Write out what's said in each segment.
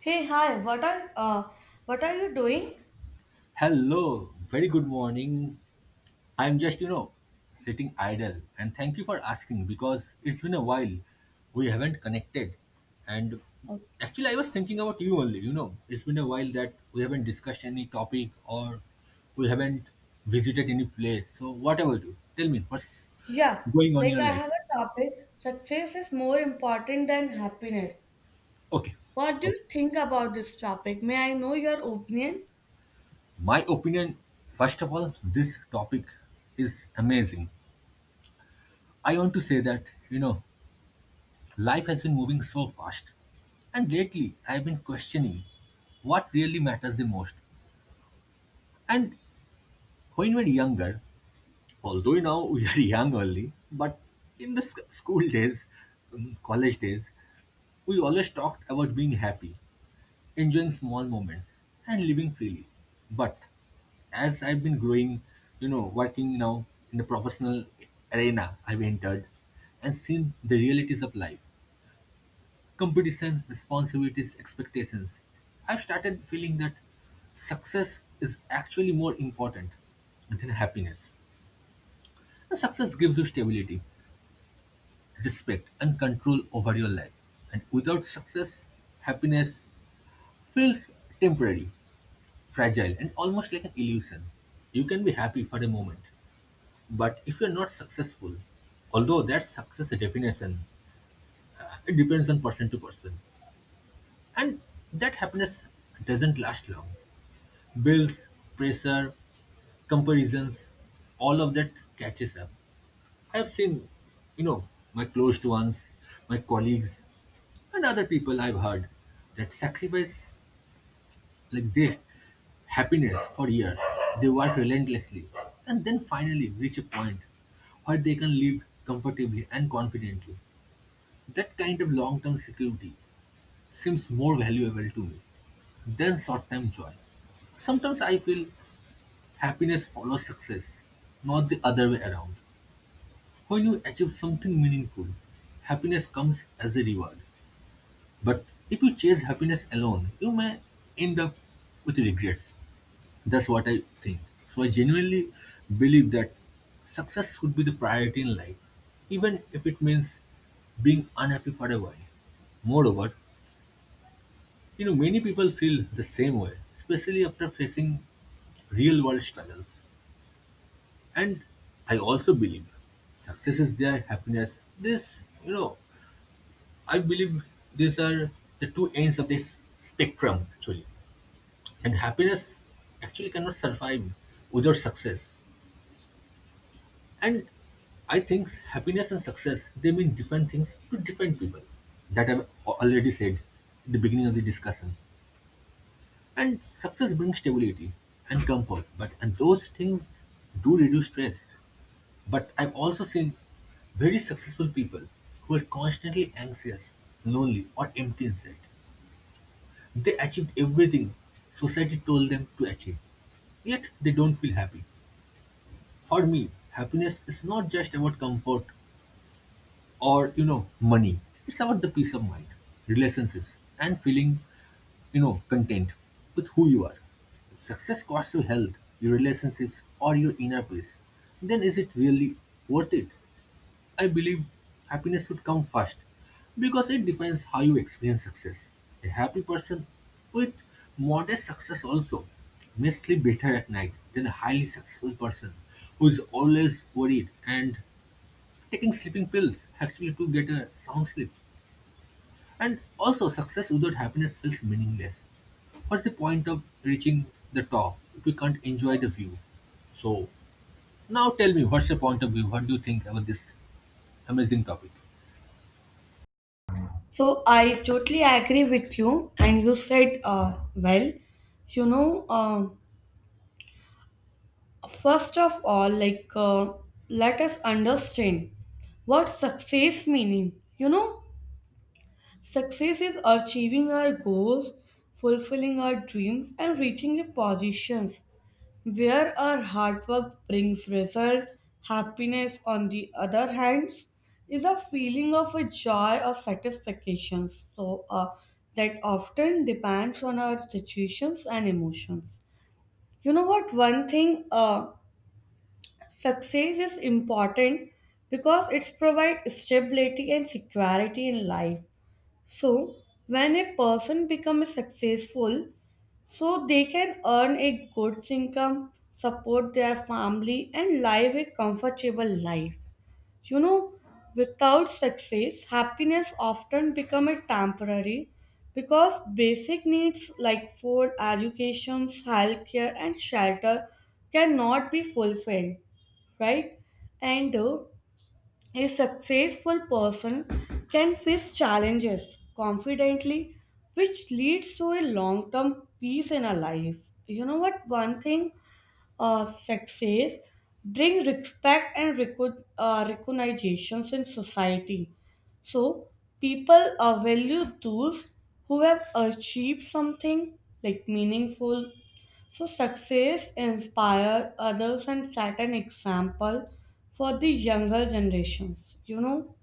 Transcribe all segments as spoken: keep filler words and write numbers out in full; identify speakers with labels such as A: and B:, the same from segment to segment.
A: Hey, hi. What are uh, what are you doing?
B: Hello, very good morning. I'm just, you know, sitting idle, and thank you for asking because it's been a while we haven't connected. And
A: Okay.
B: actually, I was thinking about you only, you know, it's been a while that we haven't discussed any topic or we haven't visited any place. So, what about you? Tell me, what's
A: Yeah,
B: going on in
A: like
B: your
A: I have
B: life?
A: a topic. Success is more important than happiness.
B: Okay,
A: What do
B: okay.
A: you think about this topic? May I know your opinion?
B: My opinion, first of all, this topic is amazing. I want to say that, you know, life has been moving so fast. And lately, I've been questioning what really matters the most. And when we're younger, although now we are young only, but in the sc- school days, um, college days, we always talked about being happy, enjoying small moments, and living freely. But as I've been growing, you know, working now in the professional arena I've entered and seen the realities of life, competition, responsibilities, expectations. I've started feeling that success is actually more important than happiness. And success gives you stability, respect, and control over your life. And without success, happiness feels temporary, fragile, and almost like an illusion. You can be happy for a moment, but if you're not successful, although that success definition it depends on person to person, and that happiness doesn't last long. Bills, pressure, comparisons, all of that catches up. I have seen, you know, my close ones, my colleagues, and other people I've heard that sacrifice like their happiness for years. They work relentlessly and then finally reach a point where they can live comfortably and confidently. That kind of long term security seems more valuable to me than short term joy. Sometimes I feel happiness follows success, not the other way around. When you achieve something meaningful, happiness comes as a reward. But if you chase happiness alone, you may end up with regrets. That's what I think. So I genuinely believe that success should be the priority in life, even if it means being unhappy for a while. Moreover, you know, many people feel the same way, especially after facing real world struggles. And I also believe success is their happiness. This, you know, I believe these are the two ends of this spectrum actually. And happiness actually cannot survive without success. And I think happiness and success, they mean different things to different people. That I've al- already said in the beginning of the discussion. And success brings stability and comfort, but and those things do reduce stress. But I've also seen very successful people who were constantly anxious, lonely, or empty inside. They achieved everything society told them to achieve, yet they don't feel happy. For me, happiness is not just about comfort or, you know, money. It's about the peace of mind, relationships, and feeling, you know, content with who you are. If success costs you health, your relationships, or your inner peace, then is it really worth it? I believe happiness should come first because it defines how you experience success. A happy person with modest success also may sleep better at night than a highly successful person who is always worried and taking sleeping pills actually to get a sound sleep. And also, success without happiness feels meaningless. What's the point of reaching the top if we can't enjoy the view? So, now tell me, what's your point of view? What do you think about this amazing topic?
A: So I totally agree with you, and you said uh, well. You know, um First of all, like uh, let us understand what success meaning. You know, success is achieving our goals, fulfilling our dreams, and reaching the positions where our hard work brings result. Happiness, on the other hand, is a feeling of a joy or satisfaction. So uh, that often depends on our situations and emotions. You know what? One thing, uh, success is important because it's provide stability and security in life, so when a person becomes successful, so they can earn a good income, support their family, and live a comfortable life. You know, without success, happiness often become a temporary because basic needs like food, education, healthcare, and shelter cannot be fulfilled, right? And uh, a successful person can face challenges confidently, which leads to a long term peace in a life. You know what? One thing uh, success bring respect and reco uh, recognitions in society. So people uh, value those who have achieved something like meaningful. So success inspire others and set an example for the younger generations. You know,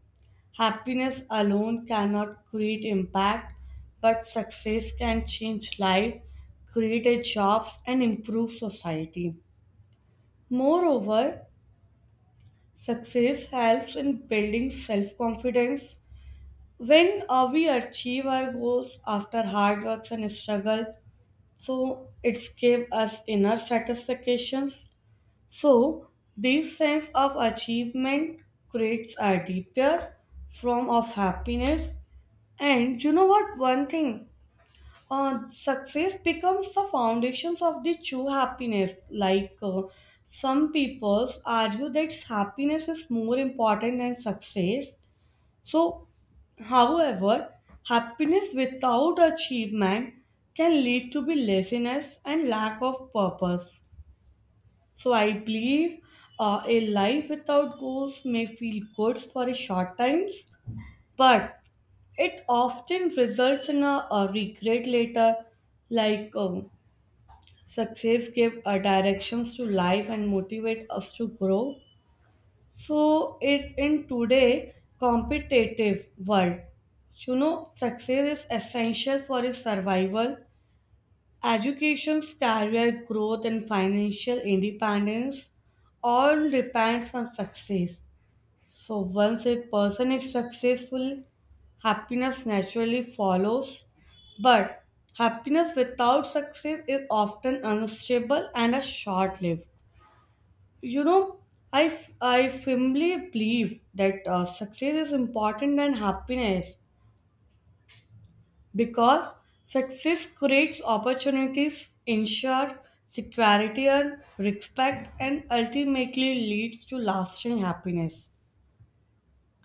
A: happiness alone cannot create impact, but success can change life, create a jobs and improve society. Moreover, success helps in building self confidence. When uh, we achieve our goals after hard works and struggle, so it's give us inner satisfactions. So this sense of achievement creates a deeper form of happiness. And you know what? One thing uh, success becomes the foundations of the true happiness. Like uh, some people argue that happiness is more important than success. So, however, happiness without achievement can lead to be laziness and lack of purpose. So, I believe uh, a life without goals may feel good for a short times, but it often results in a, a regret later, like. Um, Success give uh, directions to life and motivate us to grow. So it in today competitive world, you know, success is essential for his survival, education, career growth, and financial independence. All depends on success. So once a person is successful, happiness naturally follows. But happiness without success is often unstable and a short-lived. You know, I, f- I firmly believe that uh, success is important than happiness because success creates opportunities, ensures security and respect, and ultimately leads to lasting happiness.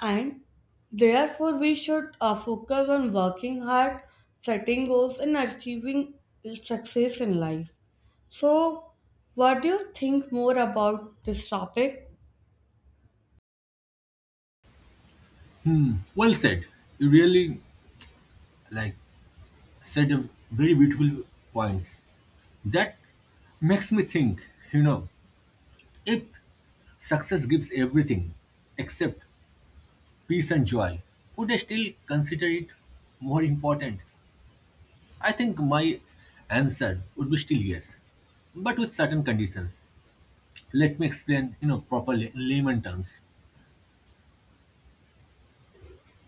A: And therefore, we should uh, focus on working hard, setting goals, and achieving success in life. So, what do you think more about this topic?
B: Well said. You really like said a very beautiful points. That makes me think, you know, if success gives everything except peace and joy, would I still consider it more important? I think my answer would be still yes, but with certain conditions. Let me explain, you know, properly in layman terms.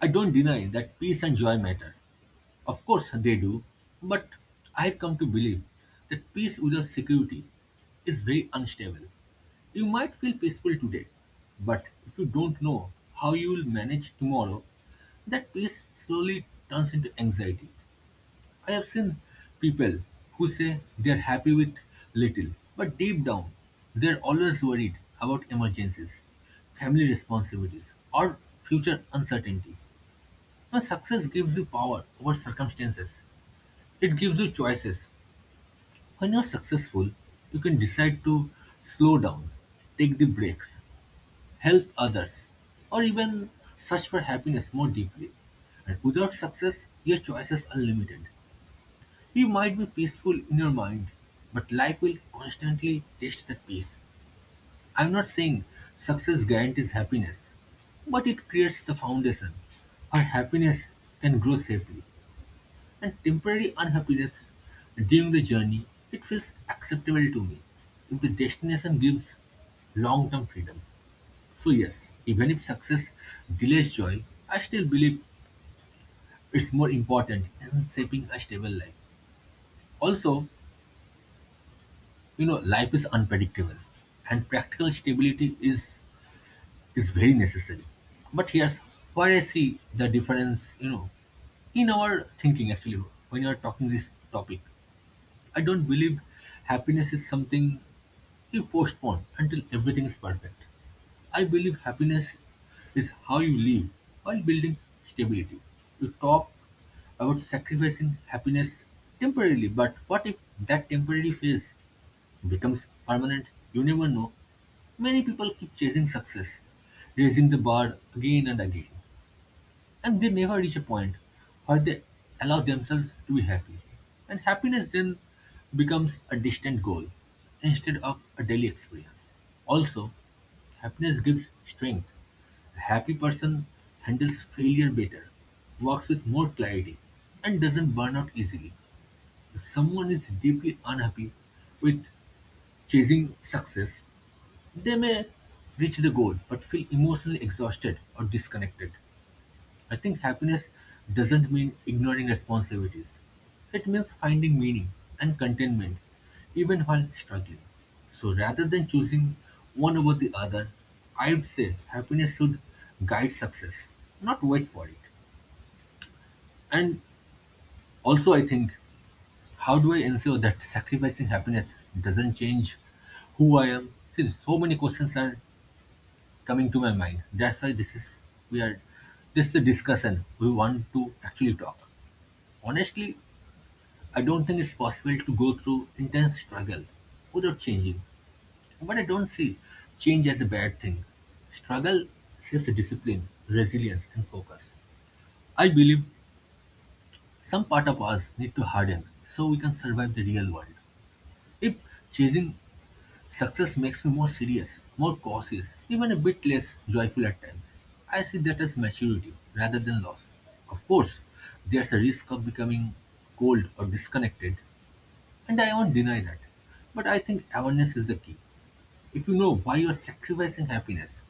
B: I don't deny that peace and joy matter. Of course they do, but I've come to believe that peace without security is very unstable. You might feel peaceful today, but if you don't know how you will manage tomorrow, that peace slowly turns into anxiety. I have seen people who say they are happy with little, but deep down, they are always worried about emergencies, family responsibilities, or future uncertainty. Now, success gives you power over circumstances, it gives you choices. When you're successful, you can decide to slow down, take the breaks, help others, or even search for happiness more deeply. And without success, your choices are limited. You might be peaceful in your mind, but life will constantly test that peace. I'm not saying success guarantees happiness, but it creates the foundation where happiness can grow safely. And temporary unhappiness during the journey, it feels acceptable to me if the destination gives long term freedom. So, yes, even if success delays joy, I still believe it's more important in shaping a stable life. Also, you know, life is unpredictable and practical stability is, is very necessary. But here's where I see the difference, you know, in our thinking actually, when you are talking this topic. I don't believe happiness is something you postpone until everything is perfect. I believe happiness is how you live while building stability. You talk about sacrificing happiness temporarily, but what if that temporary phase becomes permanent? You never know. Many people keep chasing success, raising the bar again and again, and they never reach a point where they allow themselves to be happy. And happiness then becomes a distant goal instead of a daily experience. Also, happiness gives strength. A happy person handles failure better, works with more clarity, and doesn't burn out easily. If someone is deeply unhappy with chasing success, they may reach the goal but feel emotionally exhausted or disconnected. I think happiness doesn't mean ignoring responsibilities. It means finding meaning and contentment even while struggling. So rather than choosing one over the other, I would say happiness should guide success, not wait for it. And also, I think, how do I ensure that sacrificing happiness doesn't change who I am? Since so many questions are coming to my mind, that's why this is we are this is the discussion we want to actually talk. Honestly, I don't think it's possible to go through intense struggle without changing. But I don't see change as a bad thing. Struggle shapes discipline, resilience, and focus. I believe some part of us need to harden so we can survive the real world. If chasing success makes me more serious, more cautious, even a bit less joyful at times, I see that as maturity rather than loss. Of course, there's a risk of becoming cold or disconnected, and I won't deny that. But I think awareness is the key. If you know why you're sacrificing happiness,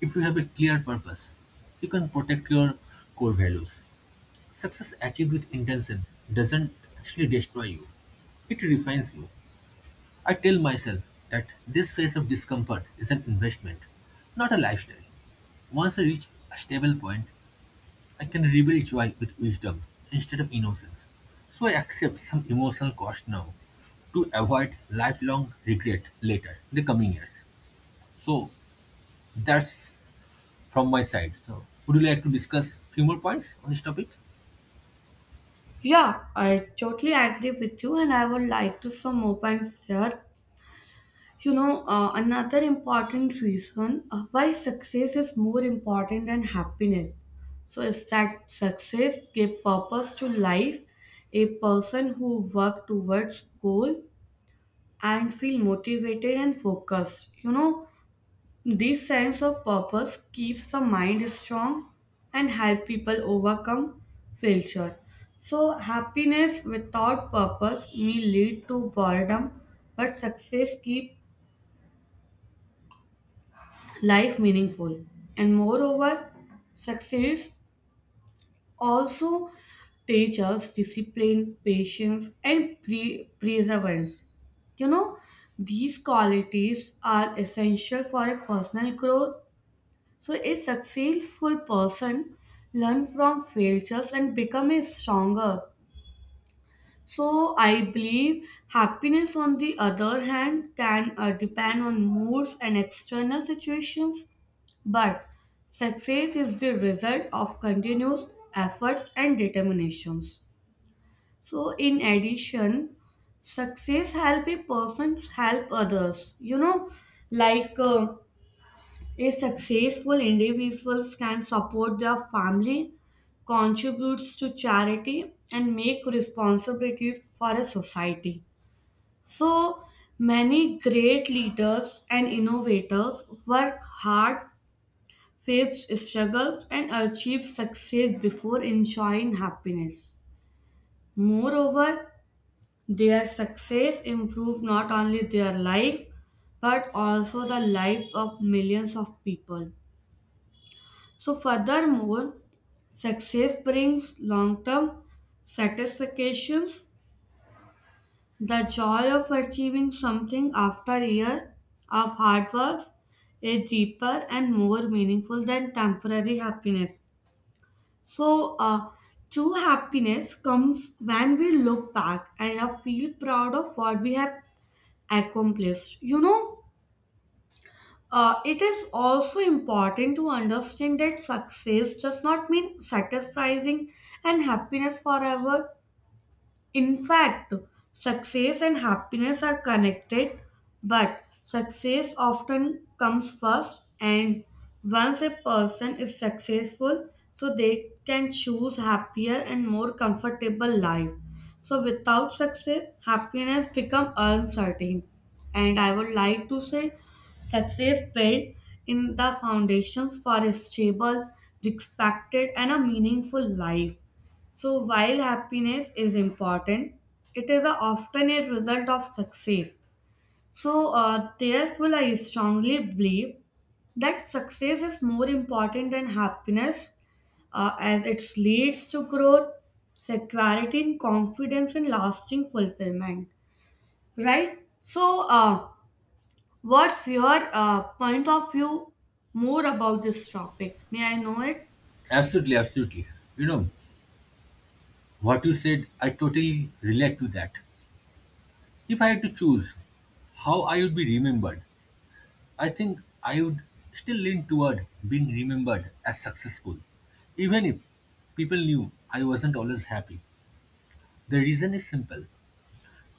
B: if you have a clear purpose, you can protect your core values. Success achieved with intention doesn't actually destroy you, it refines you. I tell myself that this phase of discomfort is an investment, not a lifestyle. Once I reach a stable point, I can rebuild joy with wisdom instead of innocence. So I accept some emotional cost now to avoid lifelong regret later in the coming years. So that's from my side. So would you like to discuss few more points on this topic?
A: Yeah, I totally agree with you, and I would like to some more points here. You know, uh, another important reason uh, why success is more important than happiness. So, is that success give purpose to life? A person who work towards goal and feel motivated and focused. You know, this sense of purpose keeps the mind strong and help people overcome failure. So happiness without purpose may lead to boredom, but success keep life meaningful. And moreover, success also teach us discipline, patience, and pre- perseverance. You know, these qualities are essential for a personal growth. So, a successful person learn from failures and become a stronger. So, I believe happiness, on the other hand, can uh, depend on moods and external situations, but success is the result of continuous efforts and determinations. So, in addition, success help a person help others. You know, like uh, a successful individuals can support their family, contributes to charity, and make responsibilities for a society. So many great leaders and innovators work hard, face struggles, and achieve success before enjoying happiness. Moreover, their success improved not only their life but also the life of millions of people. So, furthermore, success brings long term satisfactions. The joy of achieving something after a year of hard work is deeper and more meaningful than temporary happiness. So, uh, true happiness comes when we look back and uh, feel proud of what we have accomplished. You know, uh, it is also important to understand that success does not mean satisfying and happiness forever. In fact, success and happiness are connected, but success often comes first, and once a person is successful, so they can choose happier and more comfortable life. So without success, happiness become uncertain. And I would like to say success built in the foundations for a stable, respected and a meaningful life. So while happiness is important, it is a, often a result of success. So uh, therefore, I strongly believe that success is more important than happiness uh, as it leads to growth, security, and confidence and lasting fulfillment. Right? So, uh, what's your uh, point of view more about this topic? May I know it?
B: Absolutely, absolutely. You know, what you said, I totally relate to that. If I had to choose how I would be remembered, I think I would still lean toward being remembered as successful, even if people knew I wasn't always happy. The reason is simple: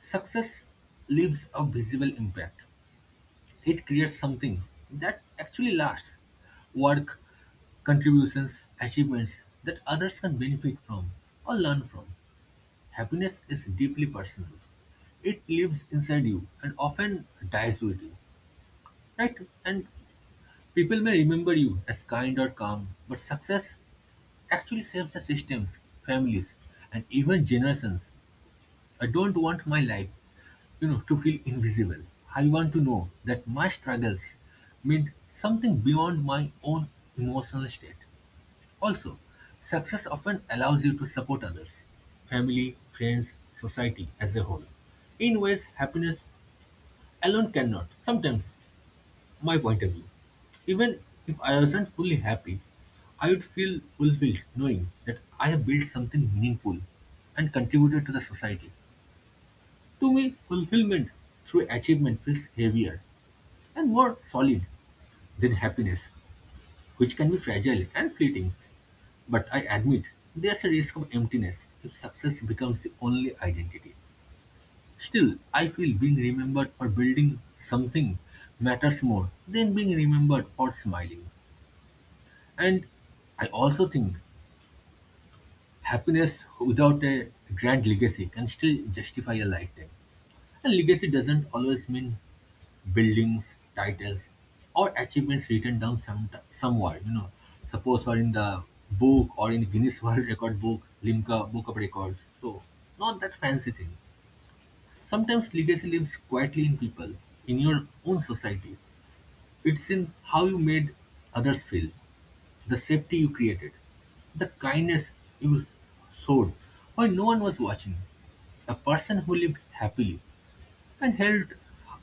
B: success leaves a visible impact, it creates something that actually lasts: work, contributions, achievements that others can benefit from or learn from. Happiness is deeply personal. It lives inside you and often dies with you, right? And people may remember you as kind or calm, but success actually saves the systems, families, and even generations. I don't want my life, you know, to feel invisible. I want to know that my struggles mean something beyond my own emotional state. Also, success often allows you to support others, family, friends, society as a whole, in ways happiness alone cannot. Sometimes my point of view. Even if I wasn't fully happy, I would feel fulfilled knowing that I have built something meaningful and contributed to the society. To me, fulfillment through achievement feels heavier and more solid than happiness, which can be fragile and fleeting. But I admit there's a risk of emptiness if success becomes the only identity. Still, I feel being remembered for building something matters more than being remembered for smiling. And I also think happiness without a grand legacy can still justify a lifetime. And legacy doesn't always mean buildings, titles, or achievements written down some, somewhere. You know, suppose or in the book or in Guinness World Record book, Limca Book of Records. So, not that fancy thing. Sometimes legacy lives quietly in people, in your own society. It's in how you made others feel, the safety you created, the kindness you showed when no one was watching. A person who lived happily and helped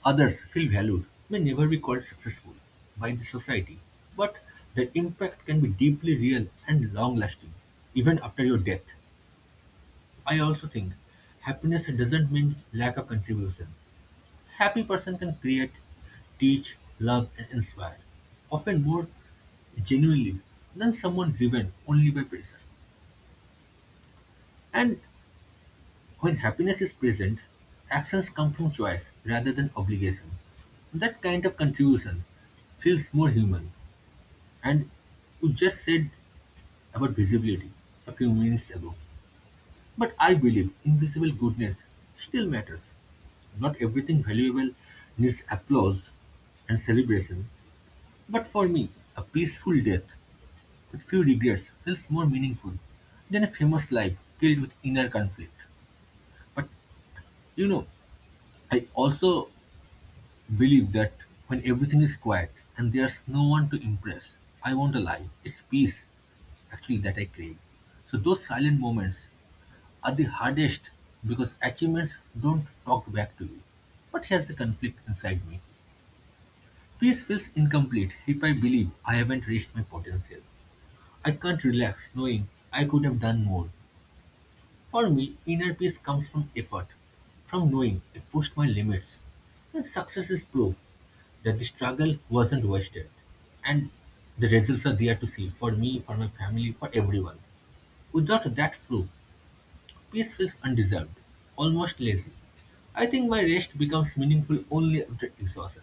B: others feel valued may never be called successful by the society, but their impact can be deeply real and long lasting, even after your death. I also think happiness doesn't mean lack of contribution. Happy person can create, teach, love, and inspire, often more genuinely than someone driven only by pressure. And when happiness is present, actions come from choice rather than obligation. That kind of contribution feels more human. And you just said about visibility a few minutes ago. But I believe invisible goodness still matters. Not everything valuable needs applause and celebration. But for me, a peaceful death with few regrets feels more meaningful than a famous life filled with inner conflict. But you know, I also believe that when everything is quiet and there's no one to impress, I want a life. It's peace, actually, that I crave. So those silent moments are the hardest because achievements don't talk back to you. But here's the conflict inside me. Peace feels incomplete if I believe I haven't reached my potential. I can't relax knowing I could have done more. For me, inner peace comes from effort, from knowing I pushed my limits. And success is proof that the struggle wasn't wasted. And the results are there to see for me, for my family, for everyone. Without that proof, peace feels undeserved, almost lazy. I think my rest becomes meaningful only after exhaustion.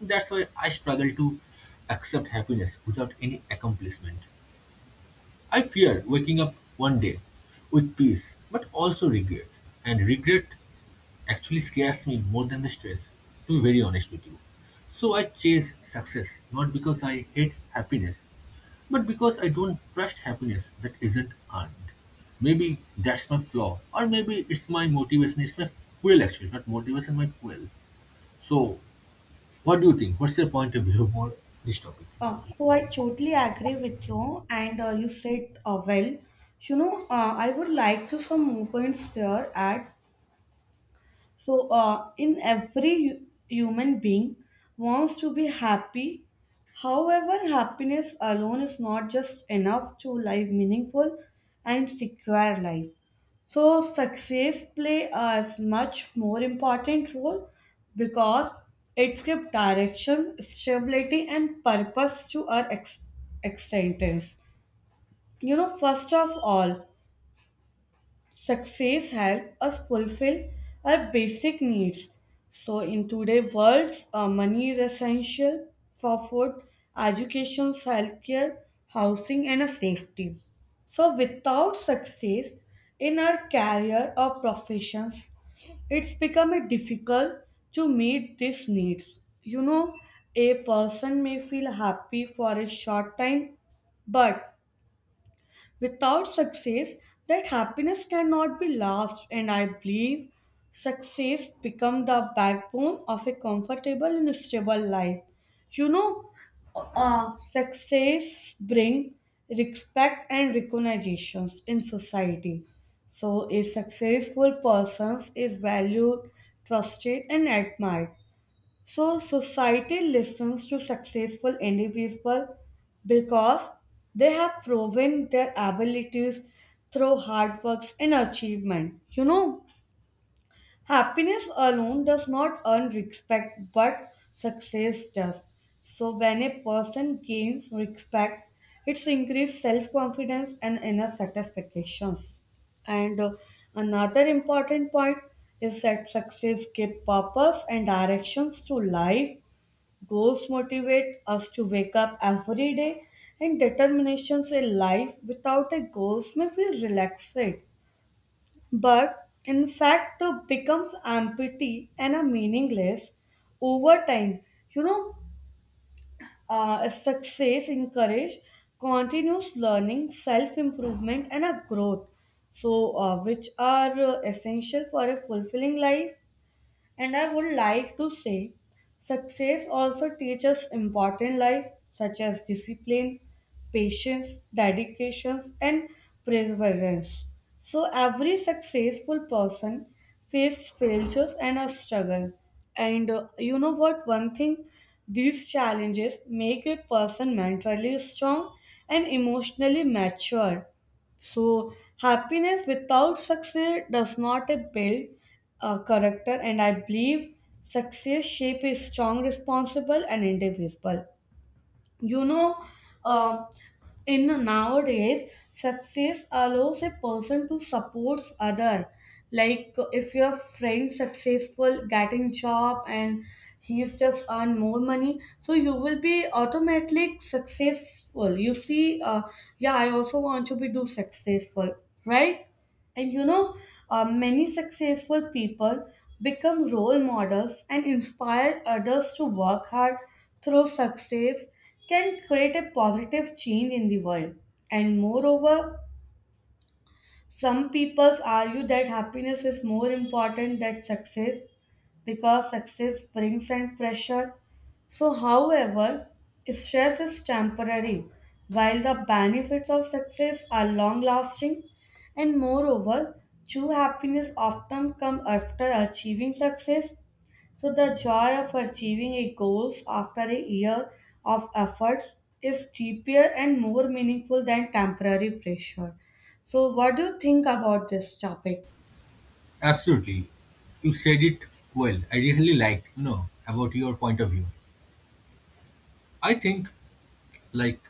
B: That's why I struggle to accept happiness without any accomplishment. I fear waking up one day with peace, but also regret. And regret actually scares me more than the stress, to be very honest with you. So I chase success not because I hate happiness, but because I don't trust happiness that isn't earned. Maybe that's my flaw, or maybe it's my motivation, it's my fuel actually, not motivation, my fuel. So, what do you think? What's your point of view about this topic?
A: Uh, so I totally agree with you, and uh, you said uh, well. You know, uh, I would like to some more points there at so, uh, in every hu- human being wants to be happy. However, happiness alone is not just enough to live meaningful and secure life. So, success play a much more important role because it gives direction, stability, and purpose to our ex- existence. You know, first of all, success helps us fulfill our basic needs. So, in today's world, uh, money is essential for food, education, healthcare, housing, and a safety. So, without success in our career or professions, it's becoming difficult to meet these needs. You know, a person may feel happy for a short time, but without success, that happiness cannot be lasted, and I believe success become the backbone of a comfortable and stable life. You know, uh, success bring respect and recognitions in society. So, a successful person is valued, trusted, and admired. So society listens to successful individuals because they have proven their abilities through hard works and achievement. You know, happiness alone does not earn respect, but success does. So when a person gains respect, it's increased self-confidence and inner satisfactions. And uh, another important point is that success gives purpose and directions to life. Goals motivate us to wake up every day, and determination a life without a goals may feel relaxed, but in fact it becomes empty and a meaningless over time. You know, uh, success encourage continuous learning, self improvement, and a growth. So, uh, which are uh, essential for a fulfilling life. And I would like to say success also teaches important life such as discipline, patience, dedication, and perseverance. So every successful person faces failures and a struggle. And uh, you know what? One thing, these challenges make a person mentally strong and emotionally mature. So, happiness without success does not build a character, and I believe success shape is strong, responsible, and individual. You know, um in nowadays success allows a person to support other. Like uh, if your friend successful getting job and he's just earn more money, so you will be automatically successful, you see. uh, yeah, I also want to be do successful, right? And you know, uh, many successful people become role models and inspire others to work hard through success, can create a positive change in the world. And moreover, some people argue that happiness is more important than success because success brings and pressure. So, however, stress is temporary, while the benefits of success are long lasting, and moreover, true happiness often comes after achieving success. So, the joy of achieving a goal after a year of efforts is deeper and more meaningful than temporary pressure. So, what do you think about this topic?
B: Absolutely. You said it well. I really liked, you know, about your point of view. I think, like,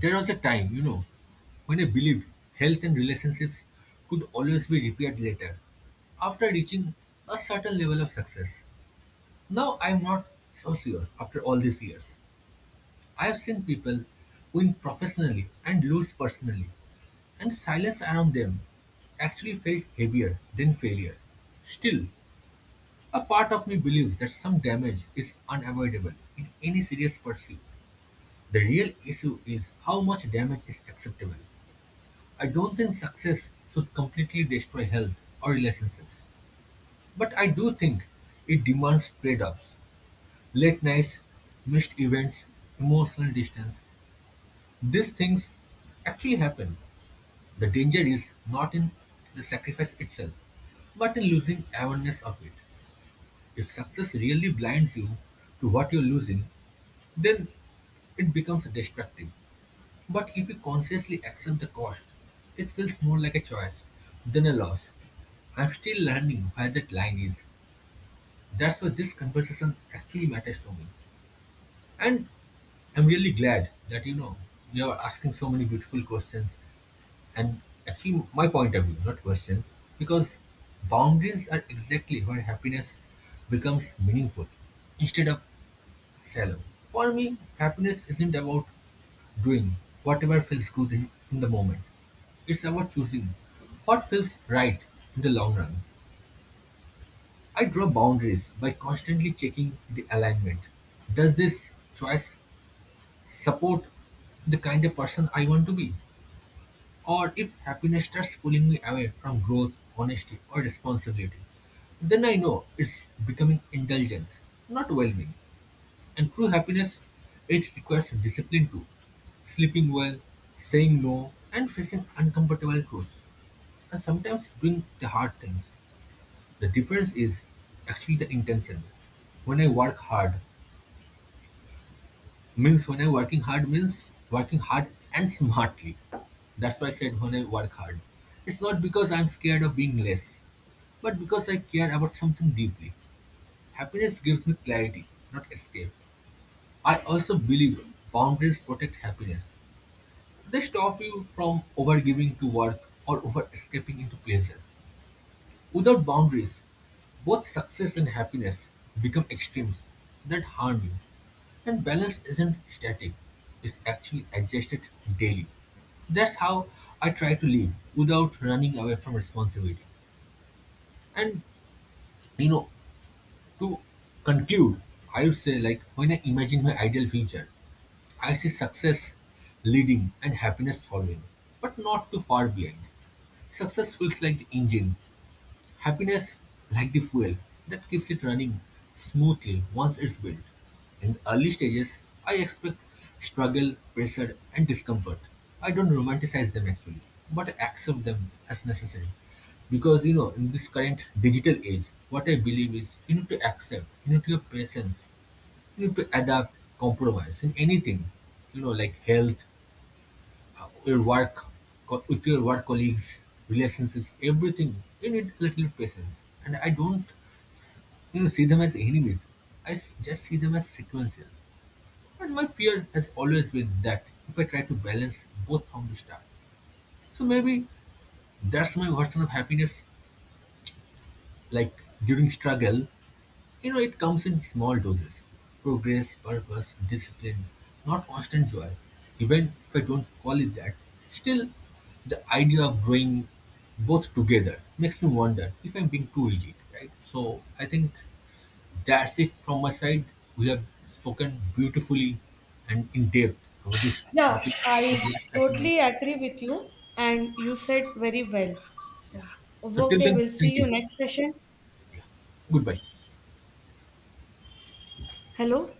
B: there was a time, you know, when I believed health and relationships could always be repaired later after reaching a certain level of success. Now I'm not so sure after all these years. I have seen people win professionally and lose personally, and silence around them actually felt heavier than failure. Still, a part of me believes that some damage is unavoidable in any serious pursuit. The real issue is how much damage is acceptable. I don't think success should completely destroy health or relationships, but I do think it demands trade offs, late nights, missed events, emotional distance. These things actually happen. The danger is not in the sacrifice itself, but in losing awareness of it. If success really blinds you to what you're losing, then it becomes destructive. But if we consciously accept the cost, it feels more like a choice than a loss. I'm still learning where that line is. That's why this conversation actually matters to me. And I'm really glad that, you know, you are asking so many beautiful questions and actually my point of view, not questions, because boundaries are exactly where happiness becomes meaningful instead of shallow. For me, happiness isn't about doing whatever feels good in, in the moment. It's about choosing what feels right in the long run. I draw boundaries by constantly checking the alignment. Does this choice support the kind of person I want to be? Or if happiness starts pulling me away from growth, honesty, or responsibility, then I know it's becoming indulgence, not well being. And true happiness, it requires discipline too. Sleeping well, saying no, and facing uncomfortable truths. And sometimes doing the hard things. The difference is actually the intention. When I work hard, means when I working hard means working hard and smartly. That's why I said when I work hard. It's not because I'm scared of being less, but because I care about something deeply. Happiness gives me clarity, not escape. I also believe boundaries protect happiness. They stop you from overgiving to work or over-escaping into pleasure. Without boundaries, both success and happiness become extremes that harm you. And balance isn't static, it's actually adjusted daily. That's how I try to live without running away from responsibility. And you know, to conclude, I would say like when I imagine my ideal future, I see success leading and happiness following, but not too far behind. Success feels like the engine. Happiness, like the fuel that keeps it running smoothly once it's built. In early stages, I expect struggle, pressure, and discomfort. I don't romanticize them actually, but I accept them as necessary. Because you know, in this current digital age, what I believe is you need to accept, you need to have patience, you need to adapt, compromise in anything, you know, like health, your work with your work colleagues, relationships, everything. You need a little patience. And I don't, you know, see them as enemies. I s- just see them as sequential. But my fear has always been that if I try to balance both from the start. So maybe that's my version of happiness, like during struggle. You know, it comes in small doses. Progress, purpose, discipline, not constant joy. Even if I don't call it that, still the idea of growing both together makes me wonder if I'm being too rigid, right? So I think that's it from my side. We have spoken beautifully and in depth about this
A: Yeah,
B: topic for the
A: I
B: last thirty
A: totally
B: minutes.
A: agree with you, and you said very well. So,
B: So till
A: okay,
B: then,
A: we'll see
B: thank
A: you
B: you.
A: next session.
B: Yeah. Goodbye.
A: Hello.